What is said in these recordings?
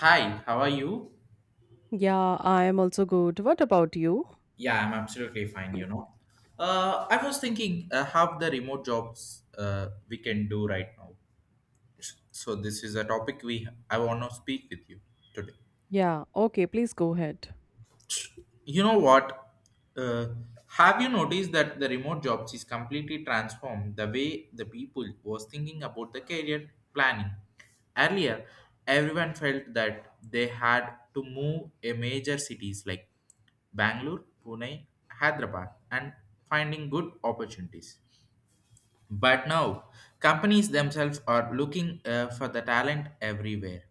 Hi, how are you? Yeah, I am also good. What about you? Yeah, I'm absolutely fine, I was thinking how the remote jobs we can do right now. So this is a topic we I want to speak with you today. Yeah, okay, please go ahead. You know what? Uh, have you noticed that the remote jobs is completely transformed the way the people was thinking about the career planning? Earlier, everyone felt that they had to move a major cities like Bangalore, Pune, Hyderabad, and finding good opportunities. But now, companies themselves are looking for the talent everywhere.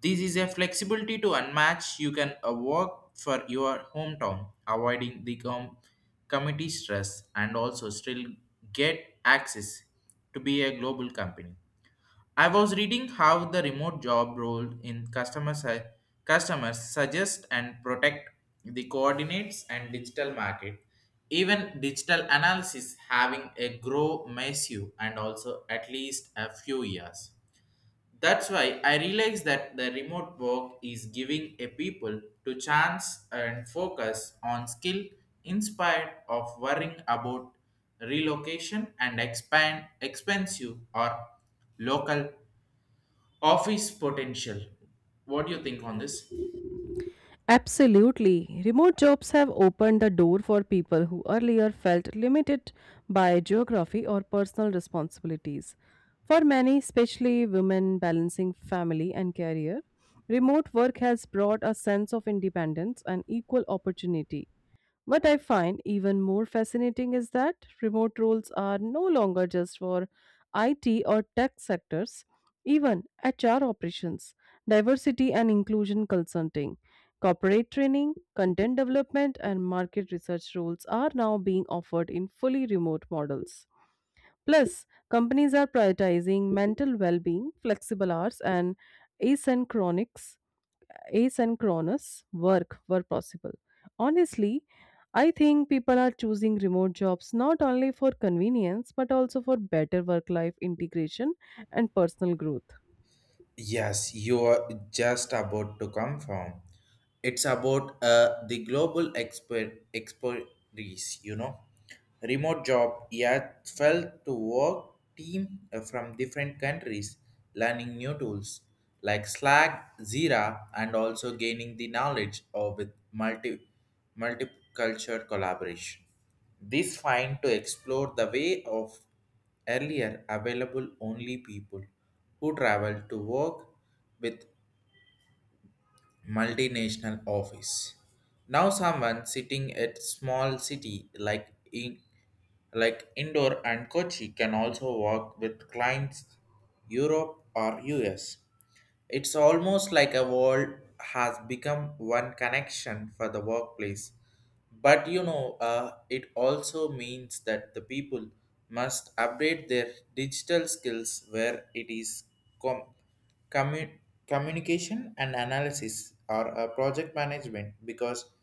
This is a flexibility to unmatch. You can work for your hometown, avoiding the committee stress and also still get access to be a global company. I was reading how the remote job role in customers suggest and protect the coordinates and digital market. Even digital analysis having a grow massive and also at least a few years. That's why I realize that the remote work is giving a people to chance and focus on skill inspired of worrying about relocation and expand expensive or local office potential. What do you think on this? Absolutely. Remote jobs have opened the door for people who earlier felt limited by geography or personal responsibilities. For many, especially women balancing family and career, remote work has brought a sense of independence and equal opportunity. What I find even more fascinating is that remote roles are no longer just for IT or tech sectors, even HR operations, diversity and inclusion consulting, corporate training, content development, and market research roles are now being offered in fully remote models. Plus, companies are prioritizing mental well being, flexible hours, and asynchronic asynchronous work were possible. Honestly, I think people are choosing remote jobs not only for convenience but also for better work life integration and personal growth. Yes, you are just about to come from. It's about the global expert expertise, Remote job, yet fell to work team from different countries, learning new tools like Slack, Zira, and also gaining the knowledge of with multicultural collaboration. This find to explore the way of earlier available only people who traveled to work with multinational office. Now someone sitting at small city like in like Indore and Kochi can also work with clients Europe or US. It's almost like a world has become one connection for the workplace. But you know, it also means that the people must update their digital skills where it is com- commu- communication and analysis or project management because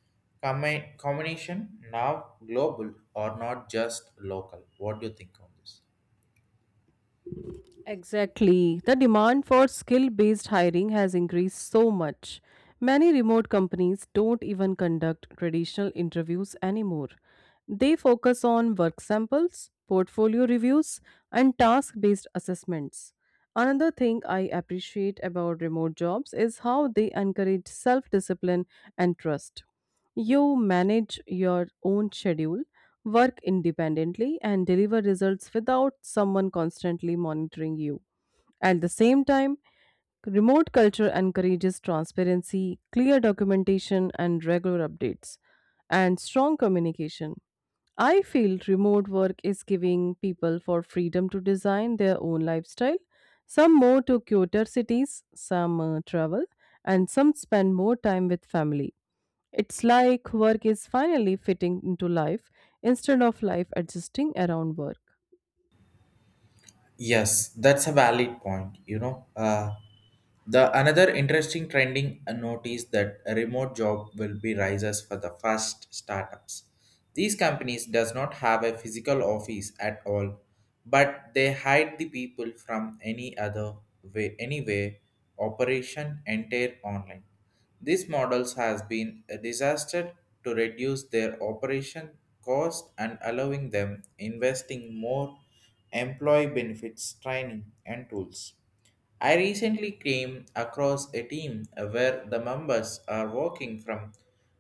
combination now global or not just local. What do you think on this? Exactly. The demand for skill based hiring has increased so much. Many remote companies don't even conduct traditional interviews anymore. They focus on work samples, portfolio reviews, and task based assessments. Another thing I appreciate about remote jobs is how they encourage self discipline and trust. You manage your own schedule, work independently, and deliver results without someone constantly monitoring you. At the same time, remote culture encourages transparency, clear documentation, and regular updates, and strong communication. I feel remote work is giving people for freedom to design their own lifestyle. Some move to cuter cities, some travel, and some spend more time with family. It's like work is finally fitting into life instead of life adjusting around work. Yes, that's a valid point. You know, the another interesting trending notice that a remote job will be rises for the first startups. These companies does not have a physical office at all, but they hide the people from any other way, anyway, operation entire online. These models has been a disaster to reduce their operation cost and allowing them investing more employee benefits, training, and tools. I recently came across a team where the members are working from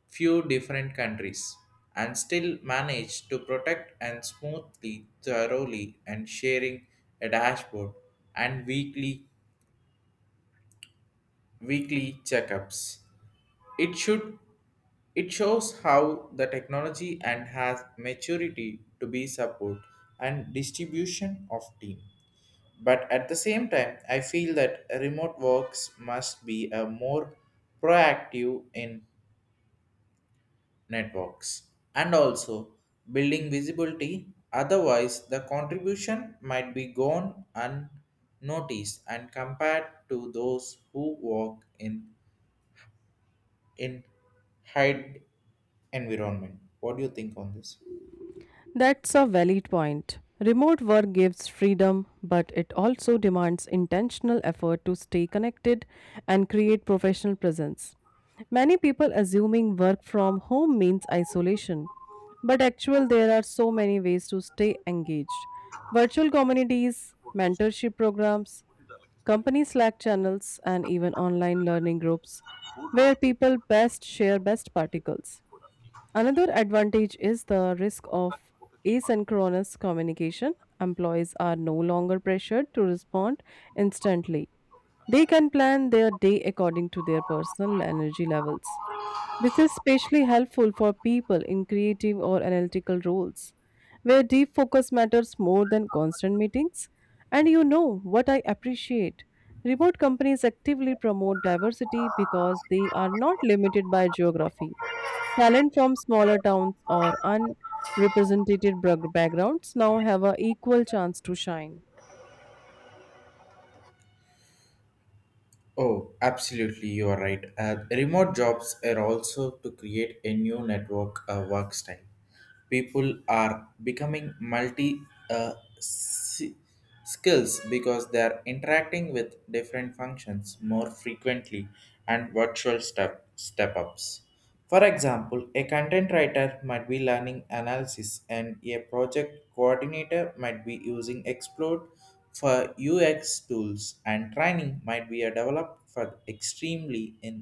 few different countries and still manage to protect and smoothly thoroughly and sharing a dashboard and weekly checkups. It should it shows how the technology and has maturity to be support and distribution of team. But at the same time, I feel that remote works must be a more proactive in networks and also building visibility. Otherwise, the contribution might be gone unnoticed and compared to those who work in hide environment. What do you think on this? That's a valid point. Remote work gives freedom, but it also demands intentional effort to stay connected and create professional presence. Many people assuming work from home means isolation, but actually there are so many ways to stay engaged. Virtual communities, mentorship programs, company Slack channels and even online learning groups where people best share best particles. Another advantage is the risk of asynchronous communication. Employees are no longer pressured to respond instantly. They can plan their day according to their personal energy levels. This is especially helpful for people in creative or analytical roles, where deep focus matters more than constant meetings. And you know what I appreciate? Remote companies actively promote diversity because they are not limited by geography. Talent from smaller towns or unrepresented backgrounds now have an equal chance to shine. Oh, absolutely, you are right. Remote jobs are also to create a new network work style people are becoming uh, s- skills because they are interacting with different functions more frequently and virtual step ups for example a content writer might be learning analysis and a project coordinator might be using explode for ux tools and training might be a developed for extremely in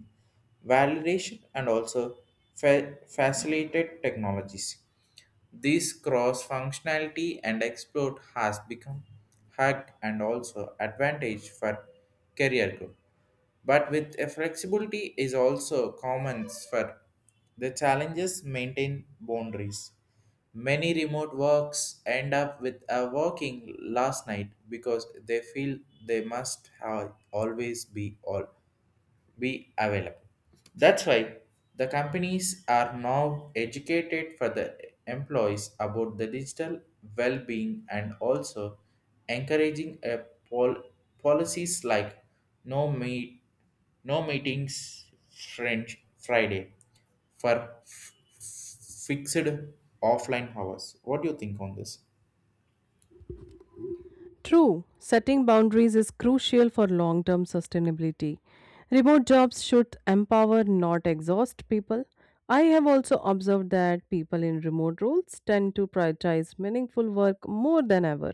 validation and also facilitated technologies this cross functionality and exploit has become hacked and also advantage for career growth. But with a flexibility is also common for the challenges maintain boundaries. Many remote works end up with a working last night because they feel they must have always be available. That's why the companies are now educated for the employees about the digital well-being and also encouraging a pol- policies like no meet no meetings French Friday for fixed offline hours. What do you think on this? True, setting boundaries is crucial for long term sustainability. Remote jobs should empower, not exhaust people. I have also observed that people in remote roles tend to prioritize meaningful work more than ever.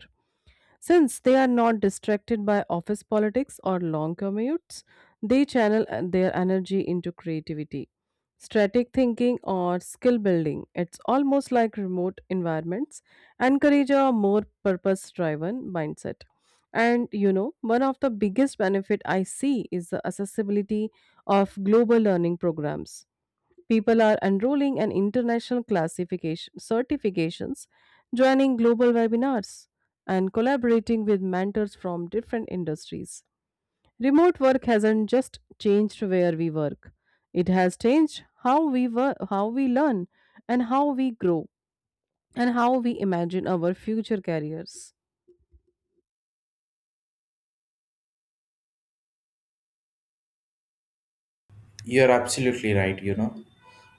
Since they are not distracted by office politics or long commutes, they channel their energy into creativity, strategic thinking, or skill building. It's almost like remote environments encourage a more purpose driven mindset. And you know, one of the biggest benefit I see is the accessibility of global learning programs. People are enrolling in international classification certifications, joining global webinars, and collaborating with mentors from different industries. Remote work hasn't just changed where we work. It has changed how we work, how we learn and how we grow and how we imagine our future careers. You're absolutely right,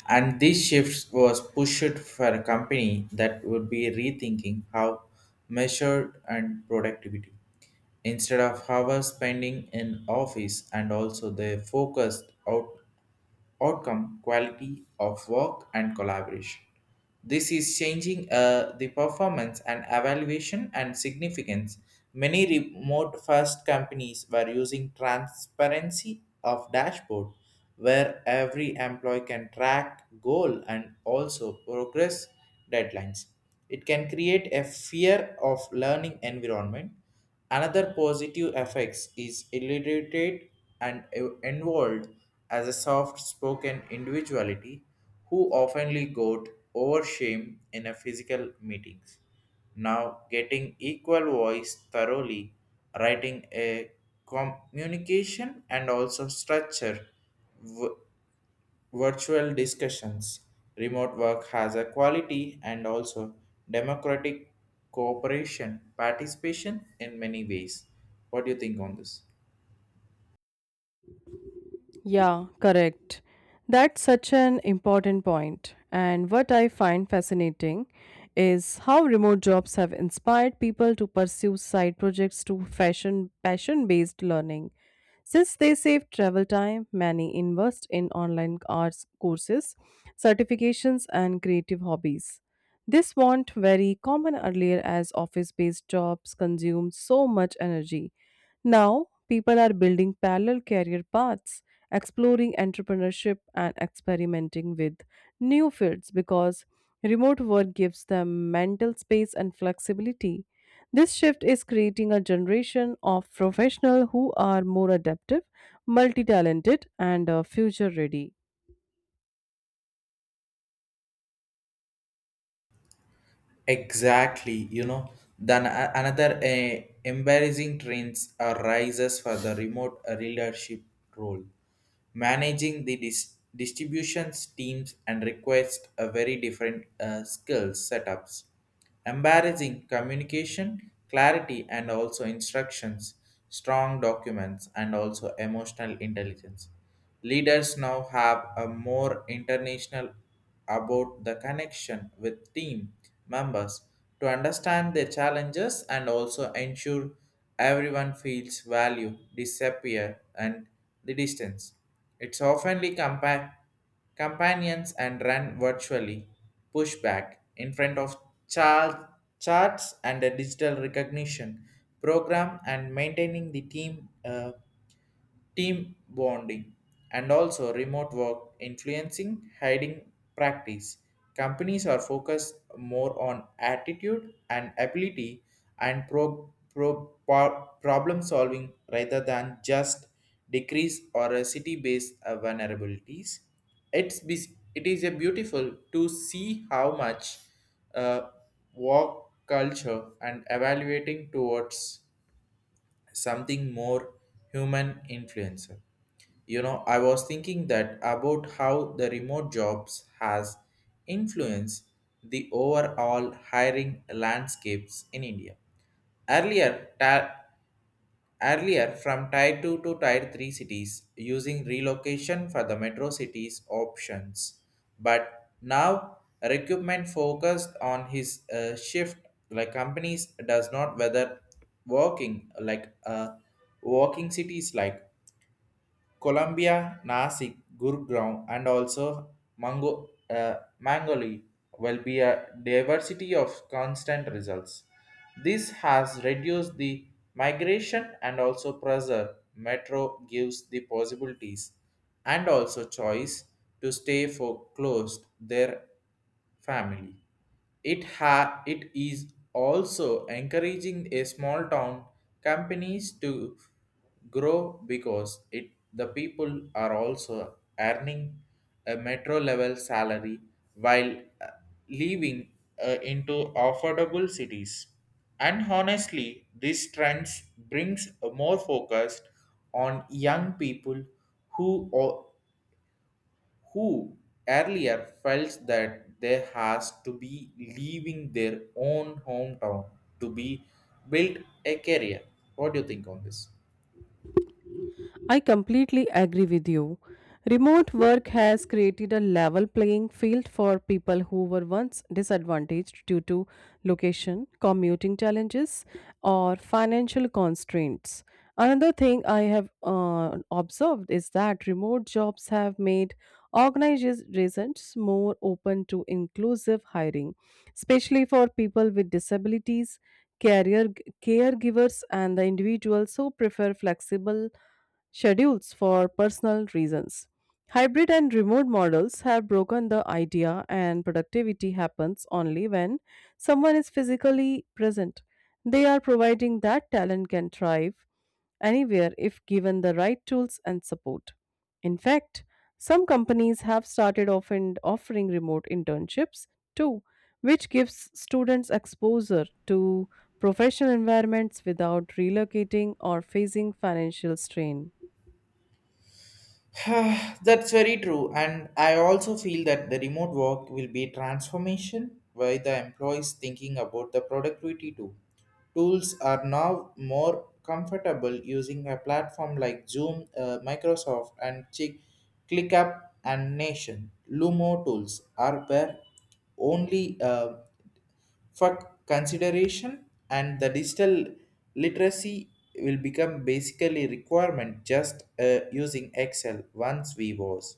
And this shift was pushed for a company that would be rethinking how measured and productivity. Instead of hours spending in office and also they focused outcome, quality of work, and collaboration. This is changing the performance and evaluation and significance. Many remote first companies were using transparency of dashboard where every employee can track goal and also progress deadlines. It can create a fear of learning environment. Another positive effects is illiterate and involved as a soft-spoken individuality who oftenly got over shame in a physical meetings. Now getting equal voice thoroughly, writing a communication and also structure w- virtual discussions. Remote work has a quality and also democratic cooperation, participation in many ways. What do you think on this? Yeah, correct. That's such an important point. And what I find fascinating is how remote jobs have inspired people to pursue side projects to fashion passion-based learning. Since they save travel time, many invest in online arts courses, certifications, and creative hobbies. This wasn't very common earlier as office-based jobs consumed so much energy. Now, people are building parallel career paths, exploring entrepreneurship, and experimenting with new fields because remote work gives them mental space and flexibility. This shift is creating a generation of professionals who are more adaptive, multi talented, and future ready. Exactly, you know, then another embarrassing trends arises for the remote leadership role. Managing the distributions teams and requires a very different skill setups embarrassing communication, clarity, and also instructions, strong documents, and also emotional intelligence. Leaders now have a more international about the connection with team members to understand their challenges and also ensure everyone feels value, disappear, and the distance. It's oftenly compared companions and ran virtually pushback in front of charts and a digital recognition program and maintaining the team team bonding, and also remote work influencing hiding practice. Companies are focused more on attitude and ability and problem solving rather than just decrease or a city-based vulnerabilities. It is a beautiful to see how much uh, work culture and evaluating towards something more human influencer. You know, I was thinking that about how the remote jobs has influenced the overall hiring landscapes in India. Earlier, ta- Earlier, from Tier 2 to Tier 3 cities using relocation for the metro cities options, but now recruitment focused on his shift like companies does not whether working like uh, working cities like Colombia, Nasik, Gurgaon, and also Mango, Mangali will be a diversity of constant results. This has reduced the migration and also pressure. Metro gives the possibilities and also choice to stay for closed their family. It is also encouraging a small town companies to grow because it the people are also earning a metro level salary while living into affordable cities and honestly this trend brings a more focus on young people who o- who earlier felt that they has to be leaving their own hometown to be built a career. What do you think on this? I completely agree with you. Remote work has created a level playing field for people who were once disadvantaged due to location, commuting challenges, or financial constraints. Another thing I have observed is that remote jobs have made organizations more open to inclusive hiring, especially for people with disabilities, career caregivers, and the individuals who prefer flexible schedules for personal reasons. Hybrid and remote models have broken the idea, and productivity happens only when someone is physically present. They are providing that talent can thrive anywhere if given the right tools and support. In fact, some companies have started often offering remote internships too, which gives students exposure to professional environments without relocating or facing financial strain. That's very true, and I also feel that the remote work will be transformation by the employees thinking about the productivity too. Tools are now more comfortable using a platform like Zoom, Microsoft, and Chick, ClickUp and Nation. Lumo tools are where only. For consideration and the digital literacy will become basically requirement just using excel once we was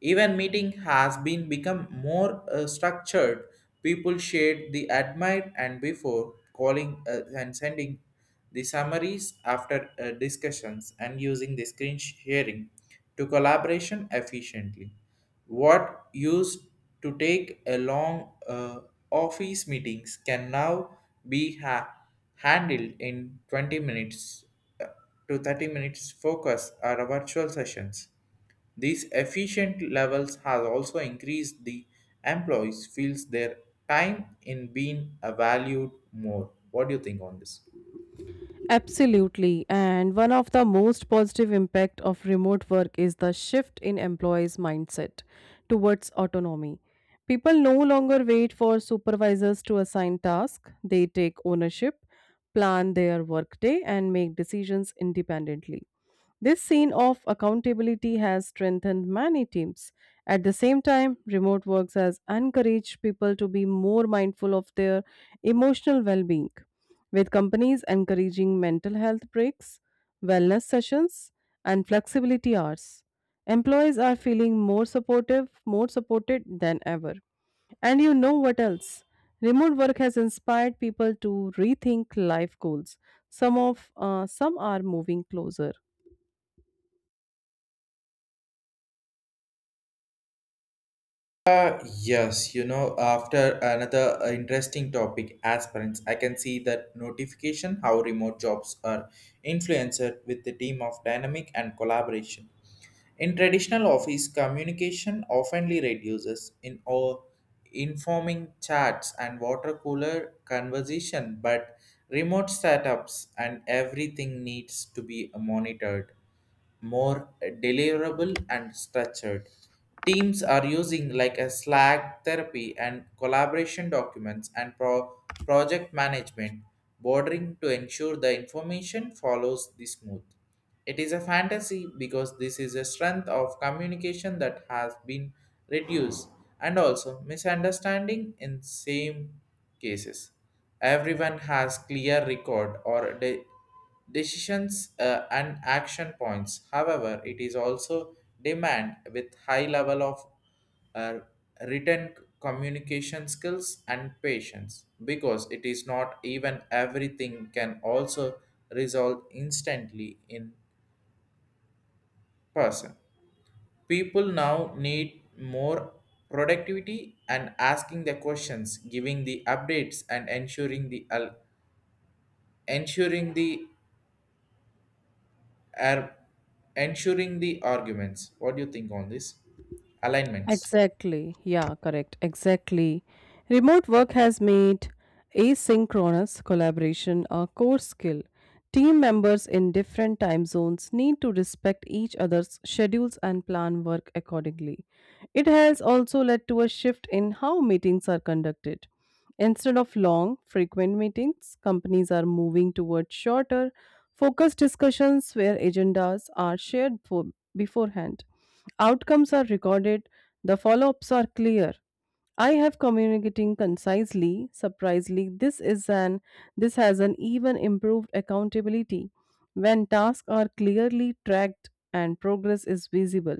even meeting has been become more structured. People shared the admired and before calling and sending the summaries after discussions and using the screen sharing to collaboration efficiently. What used to take a long office meetings can now be handled in 20 minutes uh, to 30 minutes focus or virtual sessions these efficient levels have also increased the employees feels their time in being valued more. What do you think on this? Absolutely. And one of the most positive impact of remote work is the shift in employees' mindset towards autonomy. People no longer wait for supervisors to assign tasks. They take ownership, plan their workday and make decisions independently. This scene of accountability has strengthened many teams. At the same time, remote works has encouraged people to be more mindful of their emotional well being, with companies encouraging mental health breaks, wellness sessions, and flexibility hours. Employees are feeling more supportive, more supported than ever. And you know what else? Remote work has inspired people to rethink life goals. Some are moving closer. Yes, you know, after another interesting topic, aspirants, I can see that notification how remote jobs are influenced with the team of dynamic and collaboration. In traditional office, communication oftenly reduces in all informing chats and water cooler conversation, but remote setups and everything needs to be monitored more deliverable and structured. Teams are using like a Slack therapy and collaboration documents and project management bordering to ensure the information follows the smooth. It is a fantasy because this is a strength of communication that has been reduced and also misunderstanding in same cases. Everyone has clear record or decisions and action points. However, it is also demand with high level of uh, written communication skills and patience because it is not even everything can also resolve instantly in person. People now need more productivity and asking the questions, giving the updates and ensuring the al- ensuring the are ensuring the arguments. What do you think on this? Alignments. Exactly. Yeah, correct. Exactly. Remote work has made asynchronous collaboration a core skill. Team members in different time zones need to respect each other's schedules and plan work accordingly. It has also led to a shift in how meetings are conducted. Instead of long, frequent meetings, companies are moving towards shorter, focused discussions where agendas are shared for beforehand. Outcomes are recorded, the follow ups are clear. I have communicating concisely. Surprisingly, this has an even improved accountability when tasks are clearly tracked and progress is visible.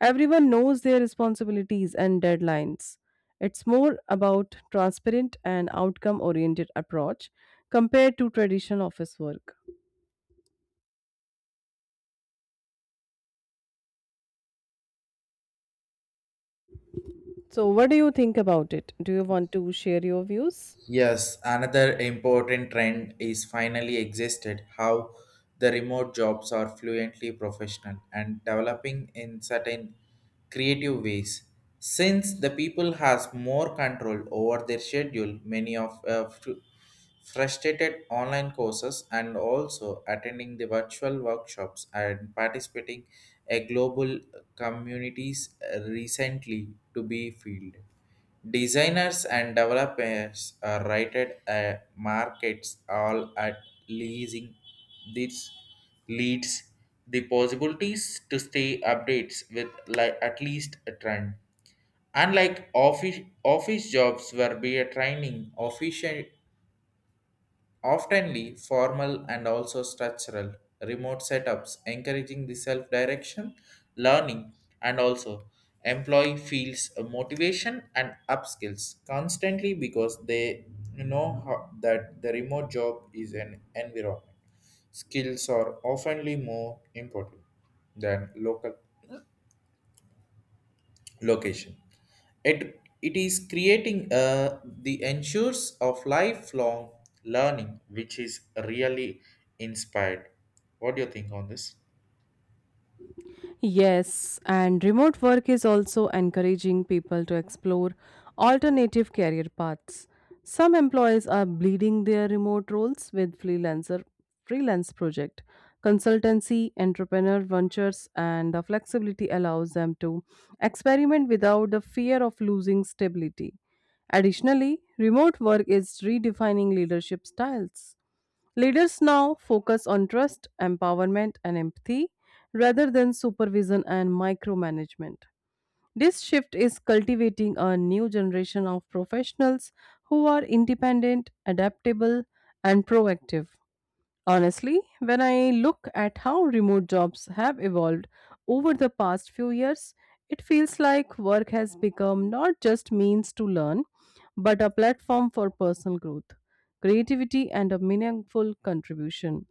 Everyone knows their responsibilities and deadlines. It's more about transparent and outcome oriented approach compared to traditional office work. So what do you think about it? Do you want to share your views? Yes, another important trend is finally existed how the remote jobs are fluently professional and developing in certain creative ways. Since the people has more control over their schedule, many of frustrated online courses and also attending the virtual workshops and participating a global communities recently to be filled. Designers and developers are rated markets all at leasing. This leads the possibilities to stay updates with like at least a trend. Unlike office jobs where be a training official oftenly formal and also structural remote setups encouraging the self-direction learning and also employee feels a motivation and upskills constantly because they know how, that the remote job is an environment skills are oftenly more important than local location. It is creating the ensures of lifelong learning, which is really inspired. What do you think on this? Yes, and remote work is also encouraging people to explore alternative career paths. Some employees are bleeding their remote roles with freelance project, consultancy, entrepreneur ventures, and the flexibility allows them to experiment without the fear of losing stability. Additionally, remote work is redefining leadership styles. Leaders now focus on trust, empowerment, and empathy rather than supervision and micromanagement. This shift is cultivating a new generation of professionals who are independent, adaptable, and proactive. Honestly, when I look at how remote jobs have evolved over the past few years, it feels like work has become not just means to learn, but a platform for personal growth, creativity and a meaningful contribution.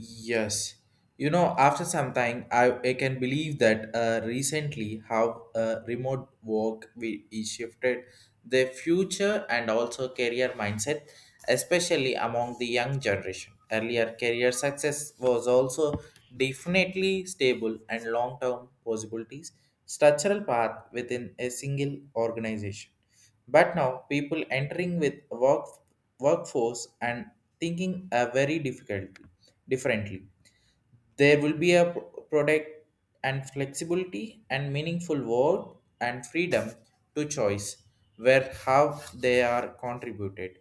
Yes. After some time, I can believe that recently how remote work we, is shifted the future and also career mindset, especially among the young generation. Earlier, career success was also definitely stable and long-term possibilities, structural path within a single organization. But now people entering with workforce and thinking are very difficult differently. There will be a product and flexibility and meaningful work and freedom to choice where how they are contributed.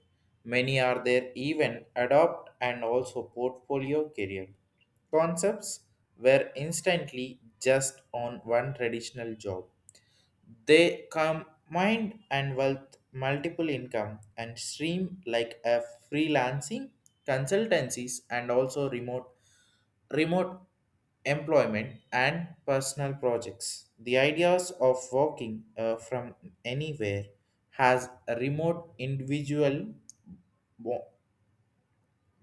Many are there even adopt and also portfolio career concepts were instantly just on one traditional job they combined and wealth multiple income and stream like a freelancing, consultancies, and also remote employment and personal projects. The ideas of working from anywhere has a remote individual bo-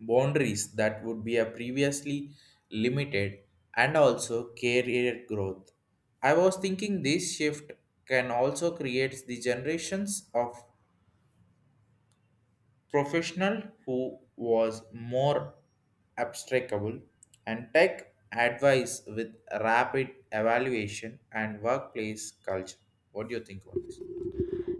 boundaries that would be a previously limited and also career growth. I was thinking this shift can also create the generations of professional who was more abstractable and tech advice with rapid evaluation and workplace culture. What do you think on this?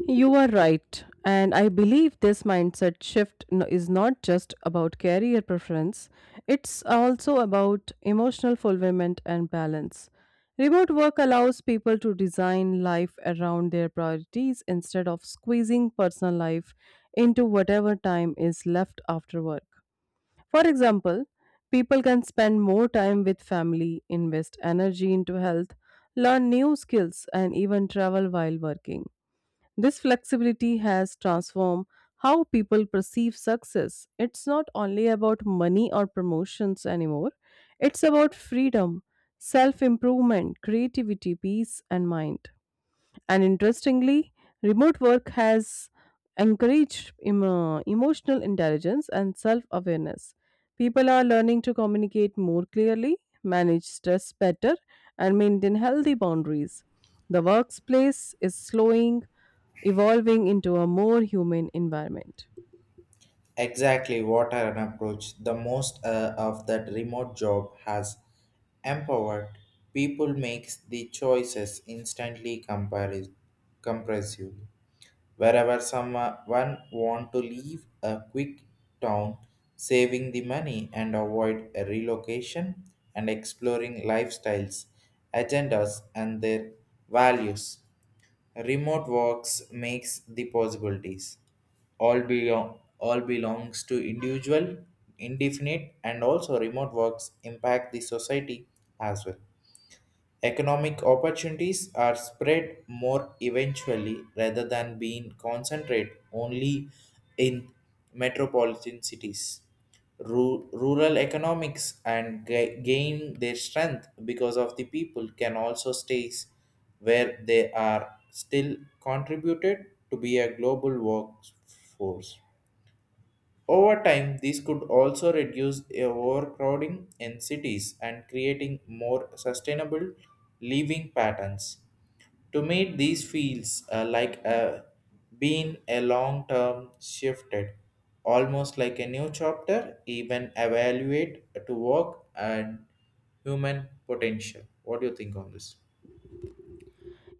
You are right. And I believe this mindset shift is not just about career preference, it's also about emotional fulfillment and balance. Remote work allows people to design life around their priorities instead of squeezing personal life into whatever time is left after work. For example, people can spend more time with family, invest energy into health, learn new skills, and even travel while working. This flexibility has transformed how people perceive success. It's not only about money or promotions anymore, it's about freedom, self improvement, creativity, peace, and mind. And interestingly, remote work has encouraged emotional intelligence and self awareness. People are learning to communicate more clearly, manage stress better, and maintain healthy boundaries. The workplace is slowing, evolving into a more human environment. Exactly what an approach. The most of that remote job has empowered people makes the choices instantly compare compressive. Wherever someone want to leave a quick town, saving the money and avoid a relocation and exploring lifestyles, agendas and their values. Remote works makes the possibilities. All belongs to individual, indefinite, and also remote works impact the society as well. Economic opportunities are spread more eventually rather than being concentrated only in metropolitan cities. Rural economics and gain their strength because of the people can also stay where they are still contributed to be a global workforce. Over time, these could also reduce overcrowding in cities and creating more sustainable living patterns. To meet these feels like a, being a long term shifted, almost like a new chapter, even evaluate to work and human potential. What do you think on this?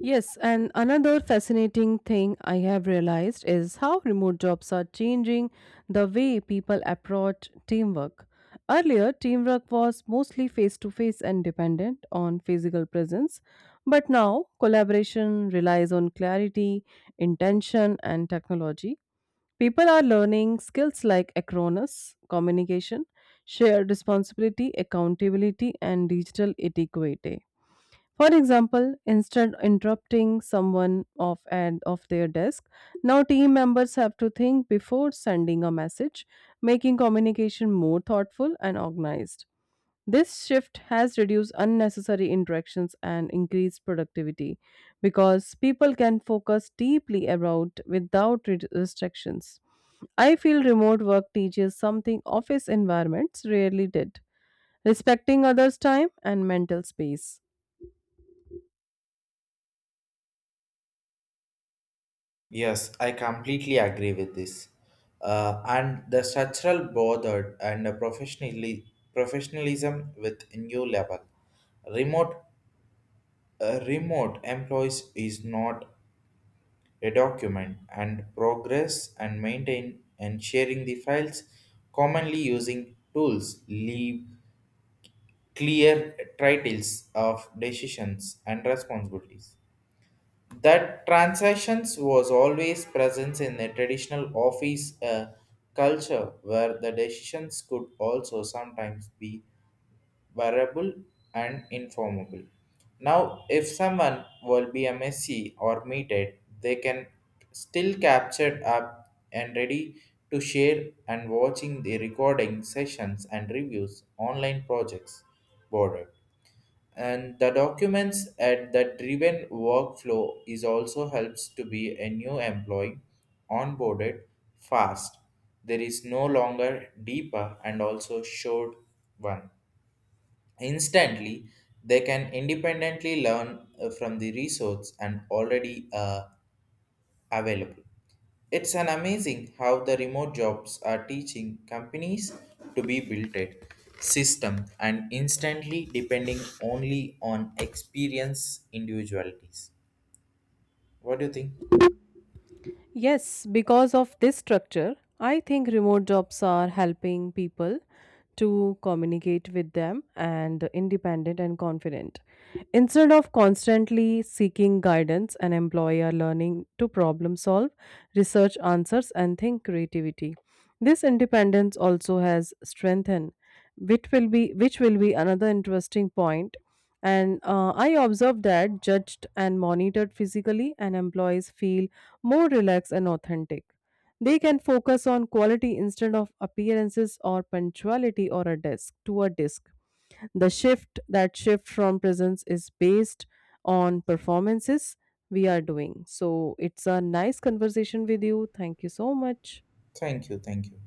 Yes, and another fascinating thing I have realized is how remote jobs are changing the way people approach teamwork. Earlier, teamwork was mostly face to face and dependent on physical presence, but now collaboration relies on clarity, intention, and technology. People are learning skills like acronis, communication, shared responsibility, accountability, and digital etiquette. For example, instead interrupting someone off and off their desk, now team members have to think before sending a message, making communication more thoughtful and organized. This shift has reduced unnecessary interactions and increased productivity because people can focus deeply about without restrictions. I feel remote work teaches something office environments rarely did respecting others' time and mental space. Yes, I completely agree with this. And the structural bothered and the professionally professionalism with new level. Remote remote employees is not a document and progress and maintain and sharing the files commonly using tools leave clear titles of decisions and responsibilities. That transactions was always present in the traditional office culture, where the decisions could also sometimes be variable and informable. Now, if someone will be a messy or meted, they can still captured up and ready to share and watching the recording sessions and reviews online projects boarded and the documents at the driven workflow is also helps to be a new employee onboarded fast there is no longer deeper and also short one instantly they can independently learn from the resource and already available it's an amazing how the remote jobs are teaching companies to be built at system and instantly depending only on experience individualities. What do you think? Yes, because of this structure, I think remote jobs are helping people to communicate with them and independent and confident. Instead of constantly seeking guidance, an employer learning to problem solve, research answers, and think creativity. This independence also has strengthened, which will be another interesting point. And I observed that judged and monitored physically and employees feel more relaxed and authentic. They can focus on quality instead of appearances or punctuality or a desk to a disk. The shift that shift from presence is based on performances we are doing. So it's a nice conversation with you. Thank you so much. Thank you, thank you.